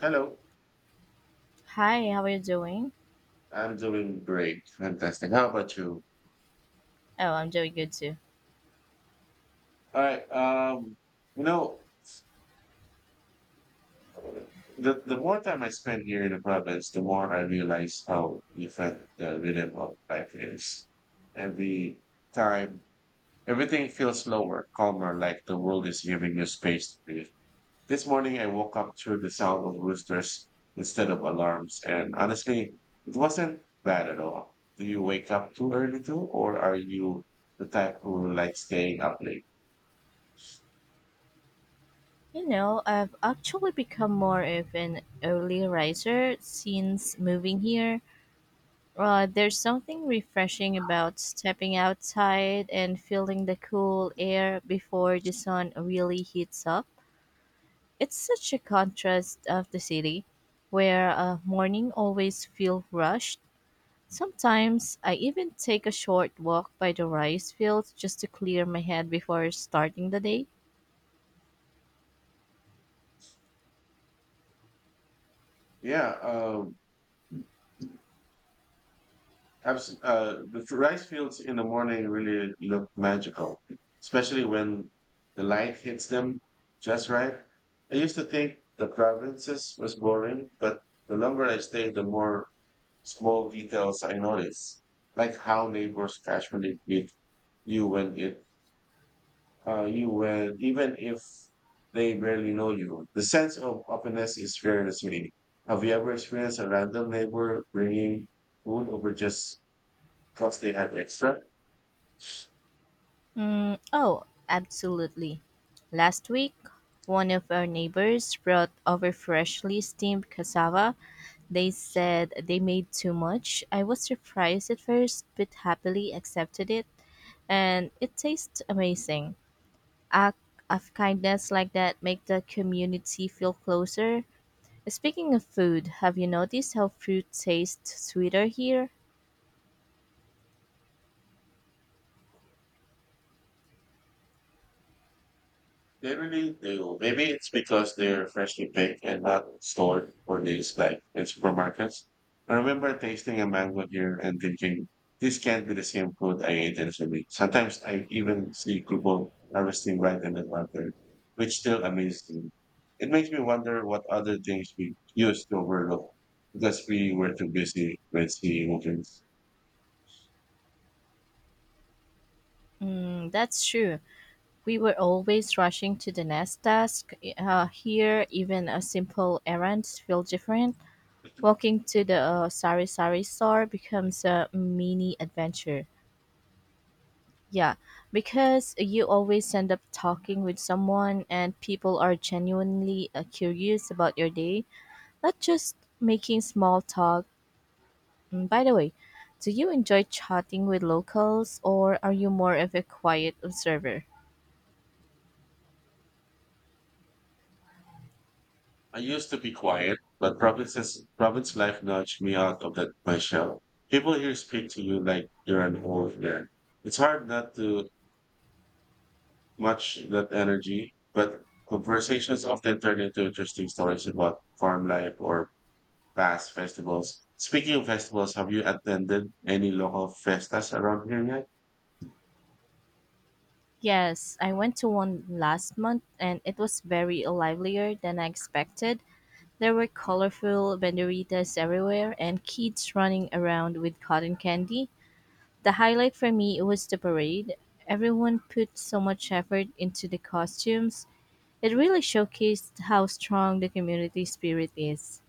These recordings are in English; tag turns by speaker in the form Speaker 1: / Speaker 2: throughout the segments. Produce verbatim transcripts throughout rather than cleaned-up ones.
Speaker 1: Hello.
Speaker 2: Hi, how are you doing?
Speaker 1: I'm doing great. Fantastic. How about you?
Speaker 2: Oh, I'm doing good too.
Speaker 1: All right. Um, you know, the the more time I spend here in the province, the more I realize how different the rhythm of life is. Every time, everything feels slower, calmer, like the world is giving you space to breathe. This morning I woke up to the sound of roosters instead of alarms, and honestly, it wasn't bad at all. Do you wake up too early too, or are you the type who likes staying up late?
Speaker 2: You know, I've actually become more of an early riser since moving here. Uh, there's something refreshing about stepping outside and feeling the cool air before the sun really heats up. It's such a contrast of the city, where uh, morning always feel rushed. Sometimes I even take a short walk by the rice fields just to clear my head before starting the day.
Speaker 1: Yeah, um, abs- uh, the rice fields in the morning really look magical, especially when the light hits them just right. I used to think the provinces was boring, but the longer I stayed, the more Small details I notice, like how neighbors casually greet you when it uh, you when even if they barely know you. The sense of openness is very misleading. Have you ever experienced a random neighbor bringing food over just because they have extra?
Speaker 2: Mm, oh, absolutely. Last week, one of our neighbors brought over freshly steamed cassava. They said they made too much. I was surprised at first, but happily accepted it, and it tastes amazing. Act of kindness like that make the community feel closer. Speaking of food, have you noticed how fruit tastes sweeter here?
Speaker 1: Generally, They really Maybe it's because they're freshly picked and not stored for days like in supermarkets. I remember tasting a mango here and thinking, this can't be the same food I ate initially. Sometimes I even see people harvesting right in the water, which still amazes me. It makes me wonder what other things we used to overlook because we were too busy with seeing movies.
Speaker 2: Mm, that's true. We were always rushing to the next task. Uh, here, even a simple errand feels different. Walking to the uh, sari sari store becomes a mini adventure. Yeah, because you always end up talking with someone, and people are genuinely uh, curious about your day, not just making small talk. Mm, by the way, do you enjoy chatting with locals, or are you more of a quiet observer?
Speaker 1: I used to be quiet, but province's province life nudged me out of that my shell. People here speak to you like you're an old man. It's hard not to match that energy, but conversations often turn into interesting stories about farm life or past festivals. Speaking of festivals, have you attended any local festas around here yet?
Speaker 2: Yes, I went to one last month and it was very livelier than I expected. There were colorful banderitas everywhere and kids running around with cotton candy. The highlight for me was the parade. Everyone put so much effort into the costumes. It really showcased how strong the community spirit is.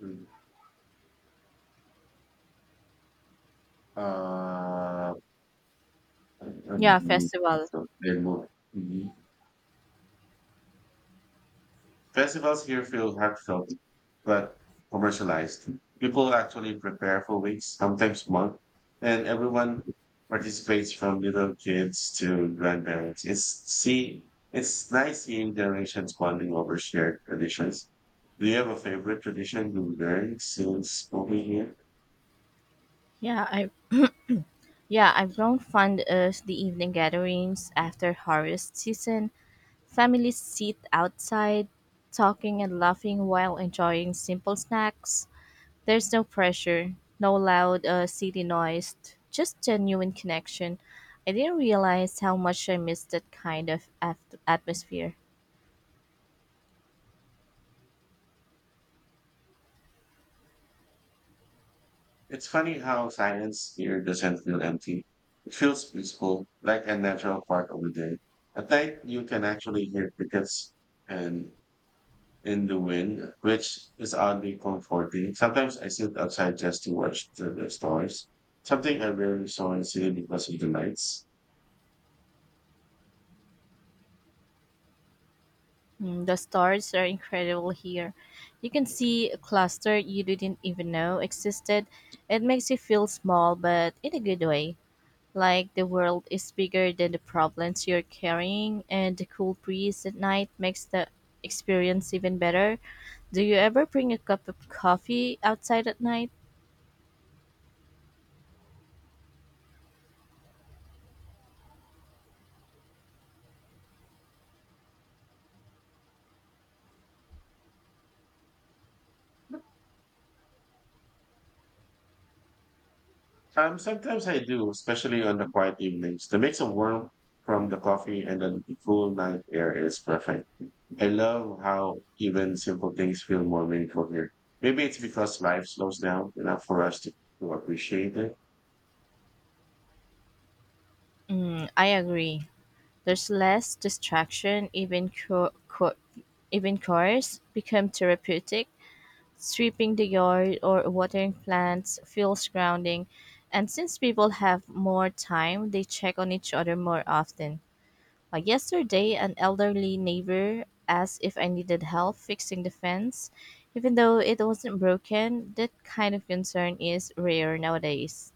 Speaker 1: Mm. Uh,
Speaker 2: Yeah,
Speaker 1: um,
Speaker 2: festival.
Speaker 1: so, they moved. Festivals here feel heartfelt but commercialized. People actually prepare for weeks, sometimes months, and everyone participates from little kids to grandparents. It's see it's nice seeing generations bonding over shared traditions. Do you have a favorite tradition you learned since moving here?
Speaker 2: Yeah, I yeah, I've grown fond of the evening gatherings after harvest season. Families sit outside, talking and laughing while enjoying simple snacks. There's no pressure, no loud uh, city noise, just genuine connection. I didn't realize how much I missed that kind of at- atmosphere.
Speaker 1: It's funny how silence here doesn't feel empty. It feels peaceful, like a natural part of the day. At night, you can actually hear crickets and in the wind, which is oddly comforting. Sometimes I sit outside just to watch the, the stars, something I rarely saw in city because of the lights.
Speaker 2: Mm, the stars are incredible here. You can see a cluster you didn't even know existed. It makes you feel small, but in a good way. Like the world is bigger than the problems you're carrying, and the cool breeze at night makes the experience even better. Do you ever bring a cup of coffee outside at night?
Speaker 1: Um, sometimes I do, especially on the quiet evenings. The mix of warmth from the coffee and then the cool night air is perfect. I love how even simple things feel more meaningful here. Maybe it's because life slows down enough for us to, to appreciate it.
Speaker 2: Mm, I agree. There's less distraction, even co- co- even chores become therapeutic. Sweeping the yard or watering plants feels grounding, and since people have more time, they check on each other more often. Uh, yesterday, an elderly neighbor asked if I needed help fixing the fence, even though it wasn't broken. That kind of concern is rare nowadays.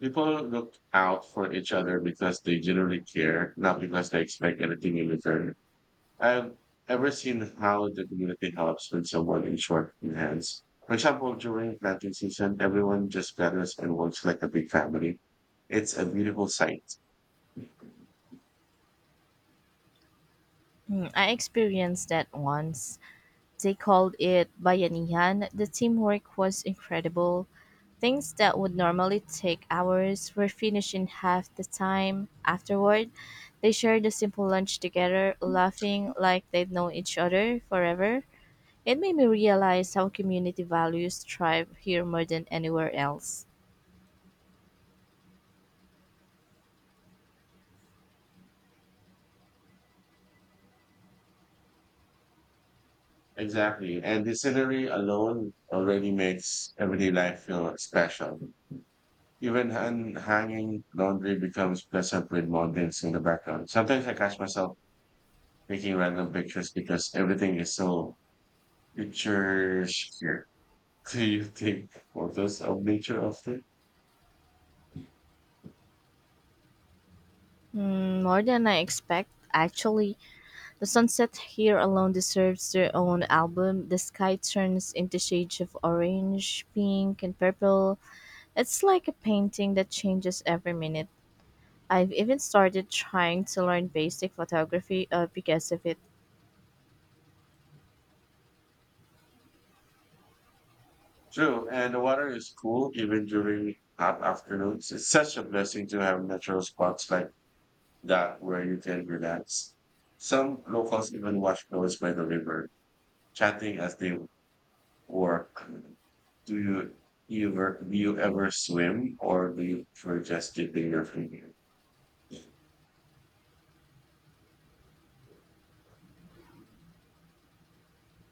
Speaker 1: People look out for each other because they generally care, not because they expect anything in return. I've ever seen how the community helps when someone in short in hands. For example, during planting season, everyone just gathers and works like a big family. It's a beautiful sight.
Speaker 2: Hmm, I experienced that once. They called it bayanihan. The teamwork was incredible. Things that would normally take hours were finished in half the time. Afterward, they shared a simple lunch together, laughing like they'd known each other forever. It made me realize how community values thrive here more than anywhere else.
Speaker 1: Exactly. And the scenery alone already makes everyday life feel special. Even un- hanging laundry becomes pleasant with mountains in the background. Sometimes I catch myself taking random pictures because everything is so pictures here. Do you take photos of nature often?
Speaker 2: Mm, more than I expect, actually. The sunset here alone deserves their own album. The sky turns into shades of orange, pink, and purple. It's like a painting that changes every minute. I've even started trying to learn basic photography uh, because of it.
Speaker 1: True, and the water is cool even during hot afternoons. It's such a blessing to have natural spots like that where you can relax. Some locals even wash clothes by the river, chatting as they work. Do you ever do you ever swim or do you prefer just dipping your feet?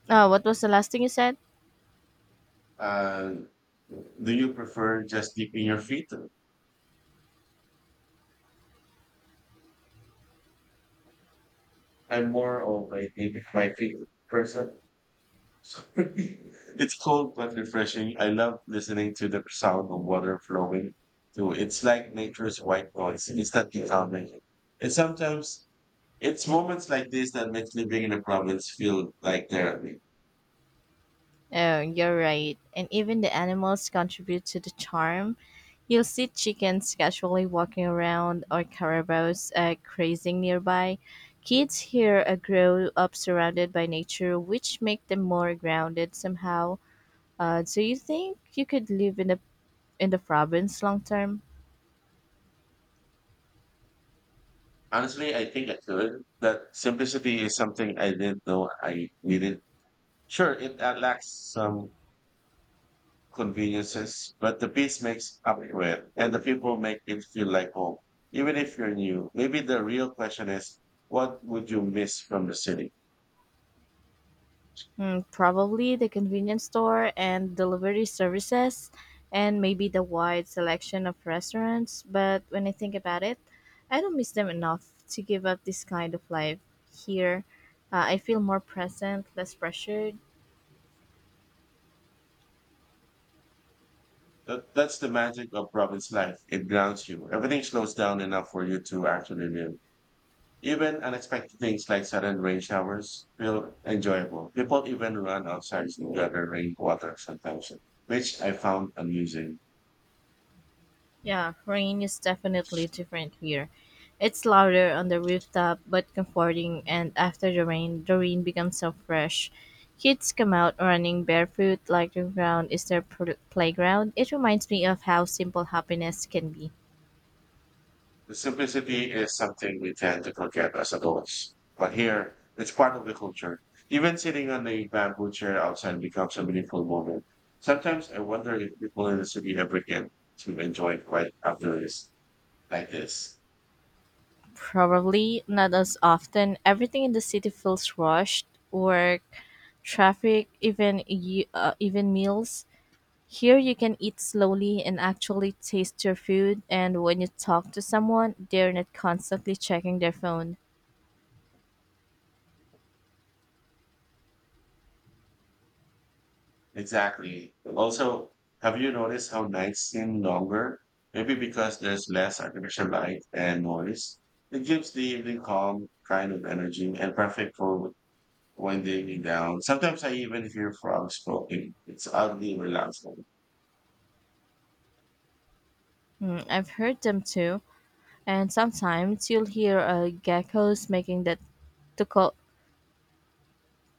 Speaker 2: Uh, what was the last thing you said?
Speaker 1: Uh, do you prefer just dipping your feet? I'm more of a dip my feet person. It's cold but refreshing. I love listening to the sound of water flowing through. It's like nature's white noise, instantly calming. And sometimes it's moments like this that makes living in the province feel like therapy.
Speaker 2: Oh, you're right. And even the animals contribute to the charm. You'll see chickens casually walking around or carabaos uh, grazing nearby. Kids here uh, grow up surrounded by nature, which make them more grounded somehow. Uh, do you think you could live in the in the province long term?
Speaker 1: Honestly, I think I could. That simplicity is something I didn't know I needed. Sure, it uh, lacks some conveniences, but the piece makes up for it, and the people make it feel like home, even if you're new. Maybe the real question is, what would you miss from the city?
Speaker 2: Mm, probably the convenience store and delivery services, and maybe the wide selection of restaurants. But when I think about it, I don't miss them enough to give up this kind of life here. Uh, I feel more present, less pressured.
Speaker 1: That, that's the magic of province life. It grounds you. Everything slows down enough for you to actually live. Even unexpected things like sudden rain showers feel enjoyable. People even run outside to gather rainwater sometimes, which I found amusing.
Speaker 2: Yeah, rain is definitely different here. It's louder on the rooftop but comforting, and after the rain, the rain becomes so fresh. Kids come out running barefoot like the ground is their pl- playground. It reminds me of how simple happiness can be.
Speaker 1: The simplicity is something we tend to forget as adults, but here it's part of the culture. Even sitting on a bamboo chair outside becomes a meaningful moment. Sometimes I wonder if people in the city ever get to enjoy quiet after this, like this.
Speaker 2: Probably not as often. Everything in the city feels rushed work, traffic, even, y- uh, even meals. Here you can eat slowly and actually taste your food, and when you talk to someone, they're not constantly checking their phone.
Speaker 1: Exactly. Also, have you noticed how nights seem longer? Maybe because there's less artificial light and noise. It gives the evening calm kind of energy and perfect for winding down. Sometimes I even hear frogs croaking. It's oddly relaxing.
Speaker 2: Mm, I've heard them too, and sometimes you'll hear uh, geckos making that tuko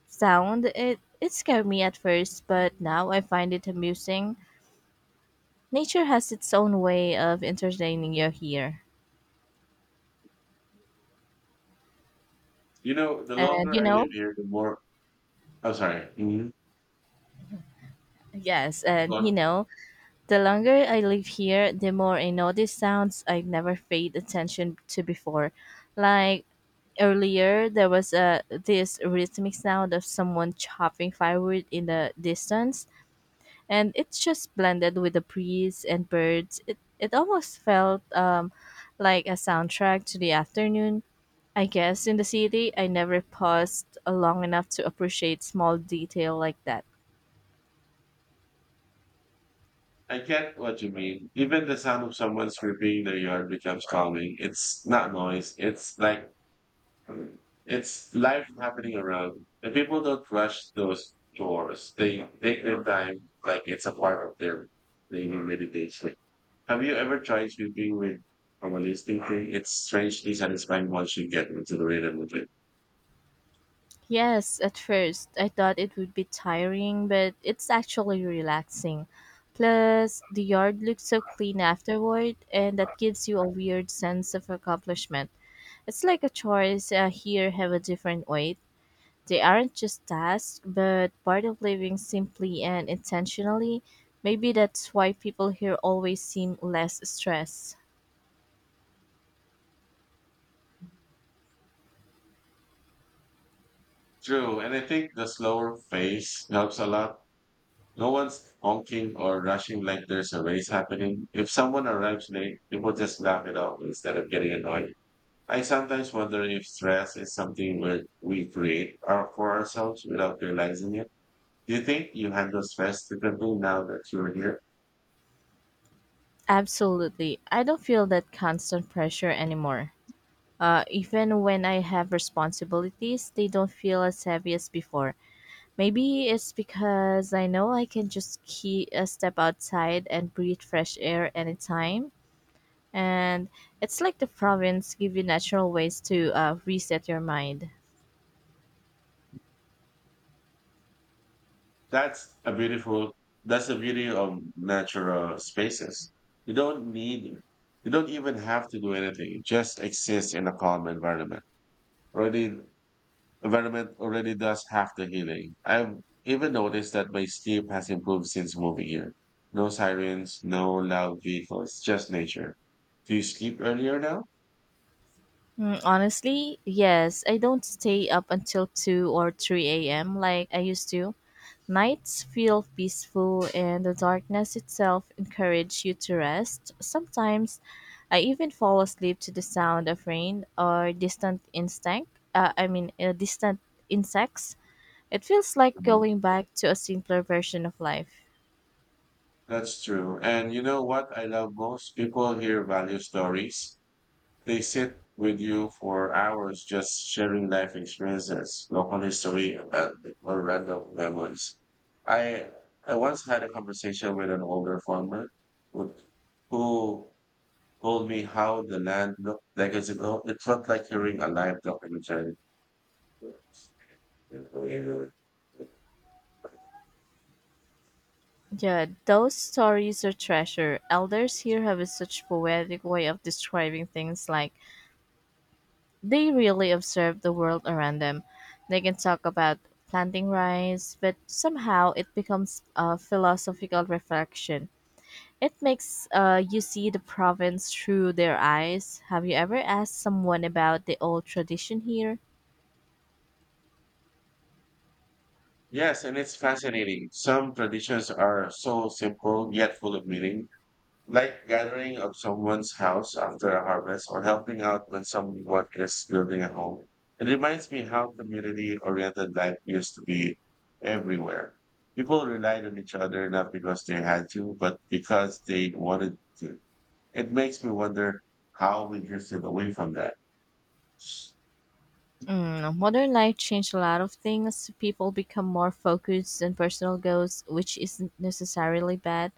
Speaker 2: sound. It it scared me at first, but now I find it amusing. Nature has its own way of entertaining you here,
Speaker 1: You know, the
Speaker 2: and
Speaker 1: longer
Speaker 2: you
Speaker 1: I
Speaker 2: know,
Speaker 1: live here, the more. I'm sorry. Hmm.
Speaker 2: yes, and you
Speaker 1: Look,
Speaker 2: know, the longer I live here, the more I notice sounds I've never paid attention to before. Like earlier, there was a this rhythmic sound of someone chopping firewood in the distance, and it just blended with the breeze and birds. It it almost felt um, like a soundtrack to the afternoon. I guess in the city, I never paused uh, long enough to appreciate small detail like that.
Speaker 1: I get what you mean. Even the sound of someone sweeping their yard becomes calming. It's not noise. It's like it's life happening around. And people don't rush those doors. They take their time like it's a part of their daily meditation. Have you ever tried sleeping with from a listening thing? It's strangely satisfying once you get into the rhythm of it.
Speaker 2: Yes, at first I thought it would be tiring, but it's actually relaxing. Plus, the yard looks so clean afterward, and that gives you a weird sense of accomplishment. It's like a chores uh, here have a different weight. They aren't just tasks, but part of living simply and intentionally. Maybe that's why people here always seem less stressed.
Speaker 1: True, and I think the slower pace helps a lot. No one's honking or rushing like there's a race happening. If someone arrives late, people just laugh it off instead of getting annoyed. I sometimes wonder if stress is something we, we create our, for ourselves without realizing it. Do you think you handle stress differently now that you're here?
Speaker 2: Absolutely. I don't feel that constant pressure anymore. Uh, even when I have responsibilities, they don't feel as heavy as before. Maybe it's because I know I can just key, uh, step outside and breathe fresh air anytime. And it's like the province give you natural ways to uh, reset your mind.
Speaker 1: That's a beautiful, that's the beauty of natural spaces. You don't need, you don't even have to do anything. You just exist in a calm environment. Already Environment already does half the healing. I've even noticed that my sleep has improved since moving here. No sirens, no loud vehicles, just nature. Do you sleep earlier now?
Speaker 2: Mm, honestly, yes. I don't stay up until two or three a m like I used to. Nights feel peaceful, and the darkness itself encourages you to rest. Sometimes I even fall asleep to the sound of rain or distant instinct. Uh, I mean, uh, distant insects. It feels like
Speaker 1: Mhm.
Speaker 2: going back to a simpler version of life.
Speaker 1: That's true. And you know what I love most? People here value stories. They sit with you for hours just sharing life experiences, local history, and or random memories. I I once had a conversation with an older farmer who who told me how the land looked decades ago. It felt like hearing a live documentary.
Speaker 2: Yeah, those stories are treasure. Elders here have a such poetic way of describing things like they really observe the world around them. They can talk about planting rice, but somehow it becomes a philosophical reflection. It makes uh, you see the province through their eyes. Have you ever asked someone about the old tradition here?
Speaker 1: Yes, and it's fascinating. Some traditions are so simple yet full of meaning, like gathering of someone's house after a harvest or helping out when someone is building a home. It reminds me how community-oriented life used to be everywhere. People relied on each other not because they had to, but because they wanted to. It makes me wonder how we drifted away from that.
Speaker 2: Mm, modern life changed a lot of things. People become more focused on personal goals, which isn't necessarily bad,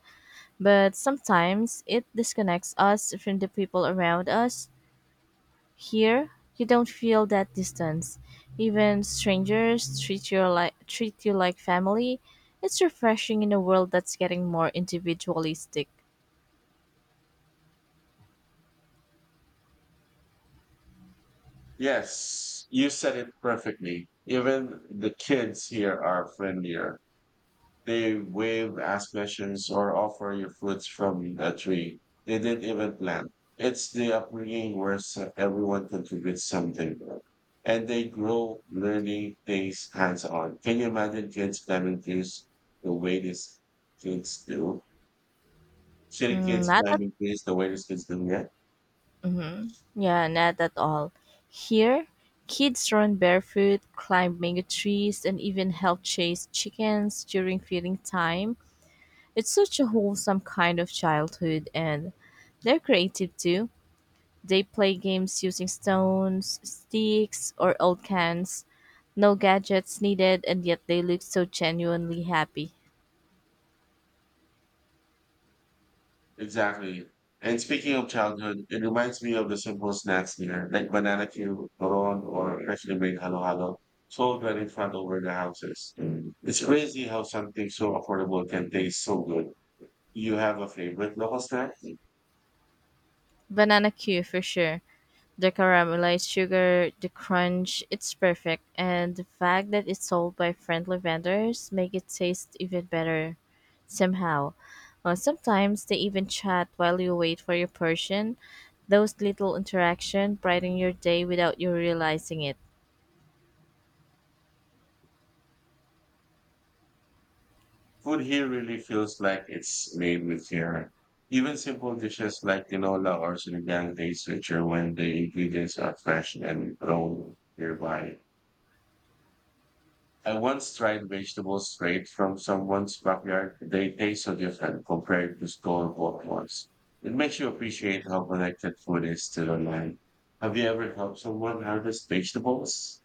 Speaker 2: but sometimes it disconnects us from the people around us. Here, you don't feel that distance. Even strangers treat you like treat you like family. It's refreshing in a world that's getting more individualistic.
Speaker 1: Yes, you said it perfectly. Even the kids here are friendlier. They wave, ask questions, or offer you fruits from the tree. They didn't even plant. It's the upbringing where s- everyone contributes something, and they grow learning things hands on. Can you imagine kids climbing trees the way these kids do? City
Speaker 2: Mm,
Speaker 1: kids
Speaker 2: not at,
Speaker 1: climbing trees the way these kids do? Yeah.
Speaker 2: hmm Yeah, not at all. Here, kids run barefoot, climb mango trees, and even help chase chickens during feeding time. It's such a wholesome kind of childhood, and they're creative too. They play games using stones, sticks, or old cans. No gadgets needed, and yet they look so genuinely happy.
Speaker 1: Exactly. And speaking of childhood, it reminds me of the simple snacks here, like banana cue, coron, or freshly made halo halo, sold right in front over the houses. It's crazy how something so affordable can taste so good. You have a favorite local snack?
Speaker 2: Banana Q for sure. The caramelized sugar, the crunch, it's perfect, and the fact that it's sold by friendly vendors make it taste even better somehow. Uh, sometimes they even chat while you wait for your portion. Those little interaction brighten your day without you realizing it.
Speaker 1: Food here really feels like it's made with care. Even simple dishes like tinola or sinigang taste richer when the ingredients are fresh and grown nearby. I once tried vegetables straight from someone's backyard. They taste so different compared to store-bought ones. It makes you appreciate how connected food is to the land. Have you ever helped someone harvest vegetables?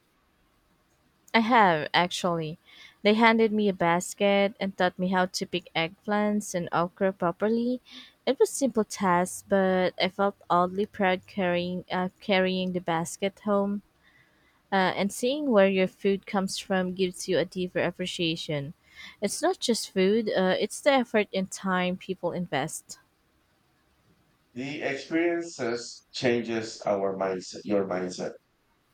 Speaker 2: I have, actually. They handed me a basket and taught me how to pick eggplants and okra properly. It was simple task, but I felt oddly proud carrying uh, carrying the basket home. Uh, and seeing where your food comes from gives you a deeper appreciation. It's not just food; uh, it's the effort and time people invest.
Speaker 1: The experiences changes our mindset, Your mindset.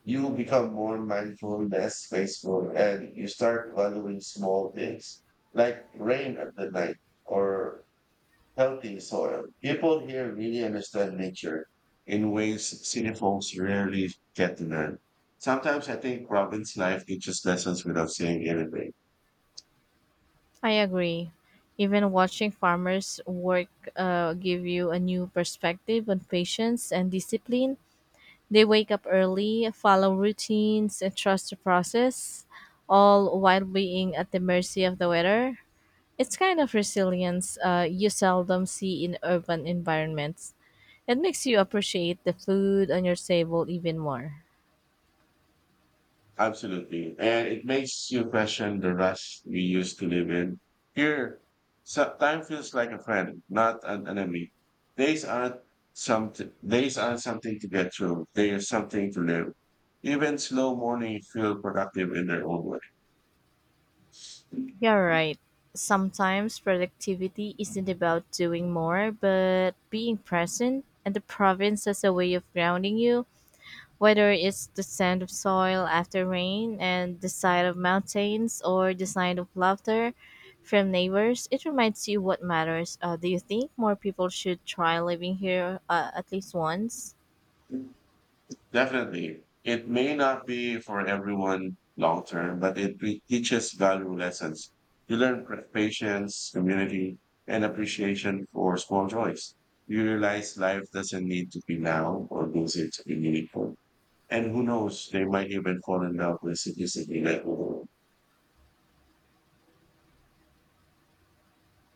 Speaker 1: You become more mindful, less wasteful, and you start valuing small things like rain at the night or healthy soil. People here really understand nature in ways city folks rarely get to learn. Sometimes I think province life teaches lessons without saying anything.
Speaker 2: I agree. Even watching farmers work uh, give you a new perspective on patience and discipline. They wake up early, follow routines, and trust the process, all while being at the mercy of the weather. It's kind of resilience uh, you seldom see in urban environments. It makes you appreciate the food on your table even more.
Speaker 1: Absolutely. And it makes you question the rush we used to live in. Here, so time feels like a friend, not an enemy. Days aren't something, Days aren't something to get through. They are something to live. Even slow mornings feel productive in their own way.
Speaker 2: You're right. Sometimes productivity isn't about doing more, but being present, and the province has a way of grounding you. Whether it's the scent of soil after rain and the sight of mountains or the sound of laughter from neighbors, it reminds you what matters. Uh, do you think more people should try living here uh, at least once?
Speaker 1: Definitely. It may not be for everyone long term, but it re- teaches valuable lessons. You learn pr- patience, community, and appreciation for small joys. You realize life doesn't need to be loud or busy to be meaningful. And who knows, they might even fall in love with simplicity. Like,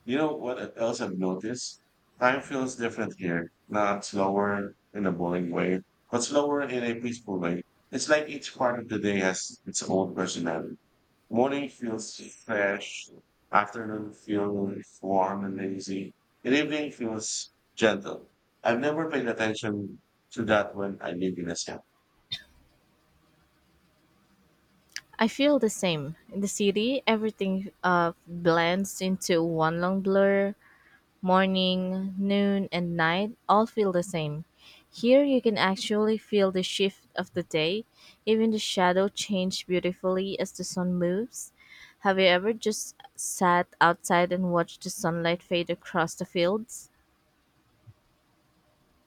Speaker 1: You know what else I've noticed? Time feels different here, not slower in a boring way, but slower in a peaceful way. It's like each part of the day has its own personality. Morning feels fresh, afternoon feels warm and lazy, and evening feels gentle. I've never paid attention to that when I live in a cell.
Speaker 2: I feel the same. In the city, everything uh, blends into one long blur. Morning, noon, and night all feel the same. Here you can actually feel the shift of the day, even the shadow change beautifully as the sun moves. Have you ever just sat outside and watched the sunlight fade across the fields?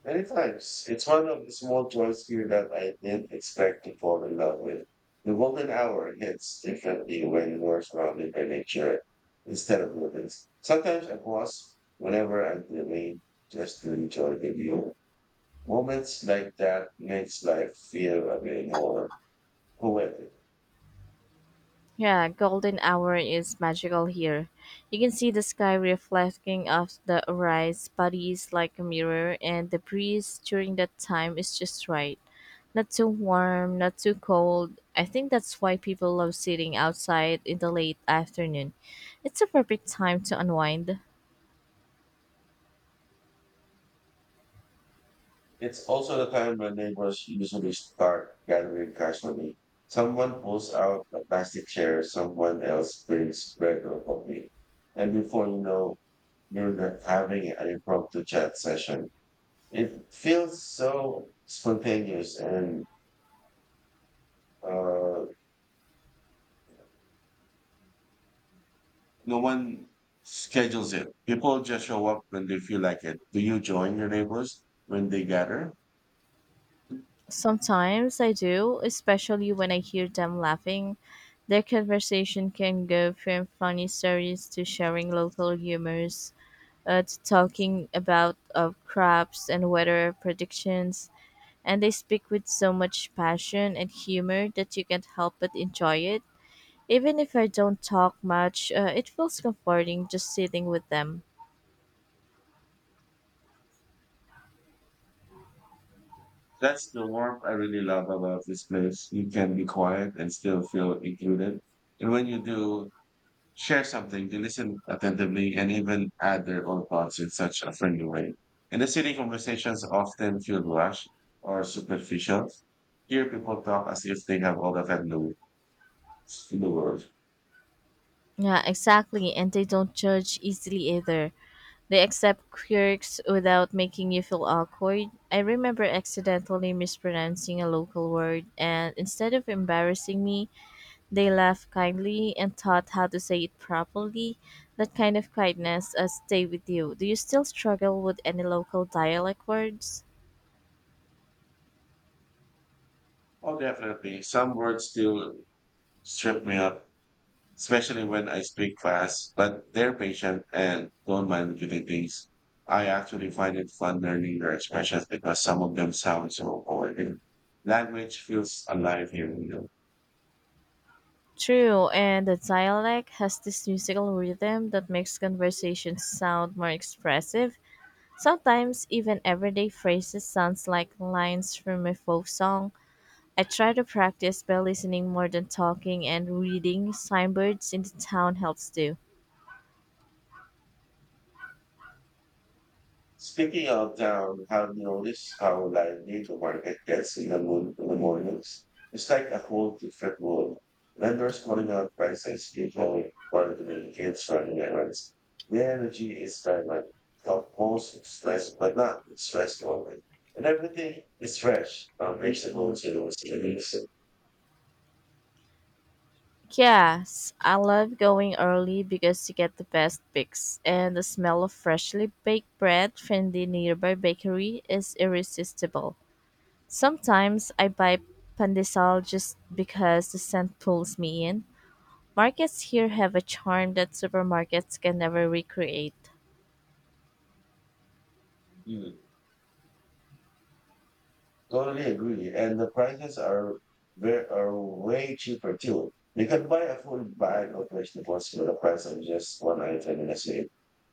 Speaker 1: Many times, it's one of the small joys here that I didn't expect to fall in love with. The golden hour hits differently when you're surrounded by nature instead of buildings. Sometimes I pause whenever I'm feeling just to enjoy the view. Moments like that makes life feel a bit more correct.
Speaker 2: Yeah, golden hour is magical here. You can see the sky reflecting off the rice bodies like a mirror, and the breeze during that time is just right. Not too warm, not too cold. I think that's why people love sitting outside in the late afternoon. It's a perfect time to unwind.
Speaker 1: It's also the time when neighbors usually start gathering cash money. Someone pulls out a plastic chair, someone else brings bread or coffee. And before you know, you're not having an impromptu chat session. It feels so spontaneous and uh, no one schedules it. People just show up when they feel like it. Do you join your neighbors when they gather?
Speaker 2: Sometimes I do, especially when I hear them laughing. Their conversation can go from funny stories to sharing local humors, uh, to talking about uh, crops and weather predictions, and they speak with so much passion and humor that you can't help but enjoy it. Even if I don't talk much, uh, it feels comforting just sitting with them.
Speaker 1: That's the warmth I really love about this place. You can be quiet and still feel included. And when you do share something, they listen attentively and even add their own thoughts in such a friendly way. In the city, conversations often feel rushed or superficial. Here, people talk as if they have all the time in the in the world.
Speaker 2: Yeah, exactly, and they don't judge easily either. They accept quirks without making you feel awkward. I remember accidentally mispronouncing a local word, and instead of embarrassing me, they laughed kindly and taught how to say it properly. That kind of kindness uh, stay with you. Do you still struggle with any local dialect words?
Speaker 1: Oh, definitely. Some words still trip me up, especially when I speak fast, but they're patient and don't mind giving things. I actually find it fun learning their expressions because some of them sound so boring. Language feels alive here. you know.
Speaker 2: True, and the dialect has this musical rhythm that makes conversations sound more expressive. Sometimes even everyday phrases sounds like lines from a folk song. I try to practice by listening more than talking and reading signboards in the town helps too.
Speaker 1: Speaking of town, have you noticed how lively the market gets in the, moon, in the mornings? It's like a whole different world. Vendors calling out prices, people bargaining, kids running errands. The energy is vibrant, most stress, but not it's stressful. And everything is fresh, conversations, and it was amazing.
Speaker 2: Yes, I love going early because you get the best picks, and the smell of freshly baked bread from the nearby bakery is irresistible. Sometimes I buy pandesal just because the scent pulls me in. Markets here have a charm that supermarkets can never recreate.
Speaker 1: Totally agree. And the prices are very, are way cheaper too. You can buy a full bag of vegetables for the price of just one item in a sale.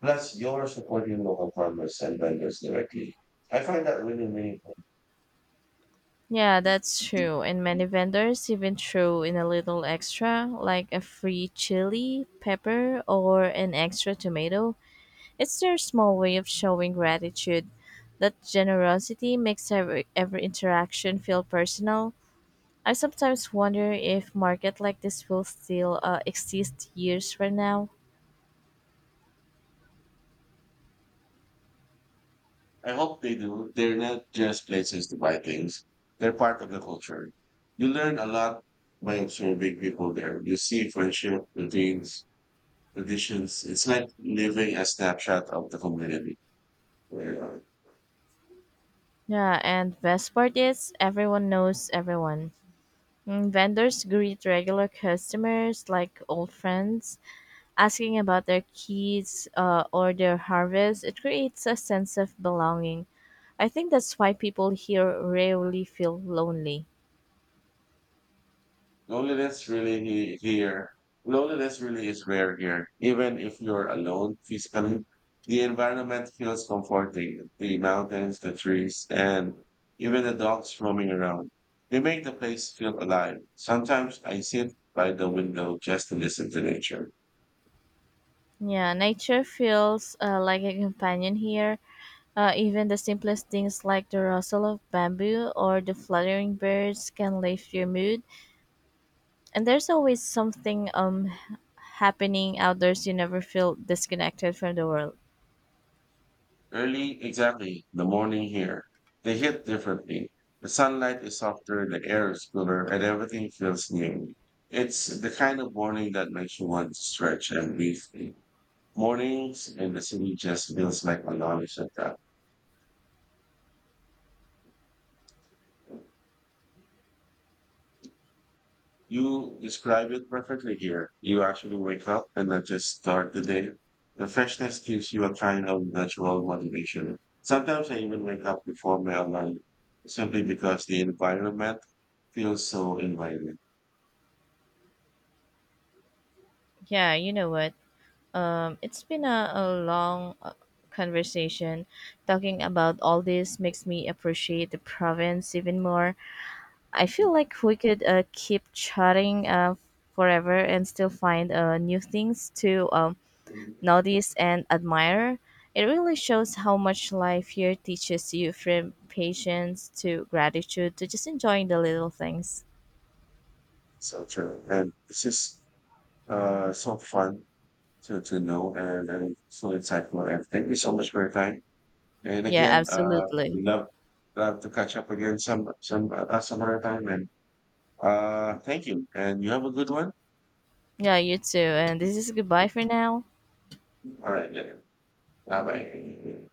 Speaker 1: Plus, you're supporting local farmers and vendors directly. I find that really meaningful.
Speaker 2: Yeah, that's true. And many vendors even throw in a little extra, like a free chili, pepper, or an extra tomato. It's their small way of showing gratitude. That generosity makes every, every interaction feel personal. I sometimes wonder if market like this will still uh, exist years from now.
Speaker 1: I hope they do. They're not just places to buy things. They're part of the culture. You learn a lot by observing people there. You see friendship, routines, traditions. It's like living a snapshot of the community.
Speaker 2: Yeah, and best part is everyone knows everyone. Mm, vendors greet regular customers like old friends, asking about their kids uh, or their harvest. It creates a sense of belonging. I think that's why people here rarely feel lonely.
Speaker 1: Loneliness really here. Loneliness really is rare here. Even if you're alone physically, the environment feels comforting. The mountains, the trees, and even the dogs roaming around. They make the place feel alive. Sometimes I sit by the window just to listen to nature.
Speaker 2: Yeah, nature feels uh, like a companion here. Uh, even the simplest things like the rustle of bamboo or the fluttering birds can lift your mood. And there's always something um happening outdoors you never feel disconnected from the world.
Speaker 1: Early, exactly, the morning here. They hit differently. The sunlight is softer, the air is cooler, and everything feels new. It's the kind of morning that makes you want to stretch and breathe. Mornings in the city just feels like a non-stop. You describe it perfectly here. You actually wake up and then just start the day. The freshness gives you a kind of natural motivation. Sometimes I even wake up before my alarm simply because the environment feels so inviting.
Speaker 2: Yeah, you know what? Um, it's been a, a long uh, conversation. Talking about all this makes me appreciate the province even more. I feel like we could uh, keep chatting uh, forever and still find uh, new things to um,
Speaker 1: Mm-hmm.
Speaker 2: notice and admire. It really shows how much life here teaches you from patience to gratitude to just enjoying the little things.
Speaker 1: So true. And this is uh, so fun to to know and, and so insightful. And thank you so much for your time. And
Speaker 2: Yeah,
Speaker 1: again, uh, we
Speaker 2: absolutely.
Speaker 1: love love to catch up again some some uh, some other time. And uh, thank you. And you have a good one.
Speaker 2: Yeah, you too. And this is goodbye for now.
Speaker 1: All right. Bye bye.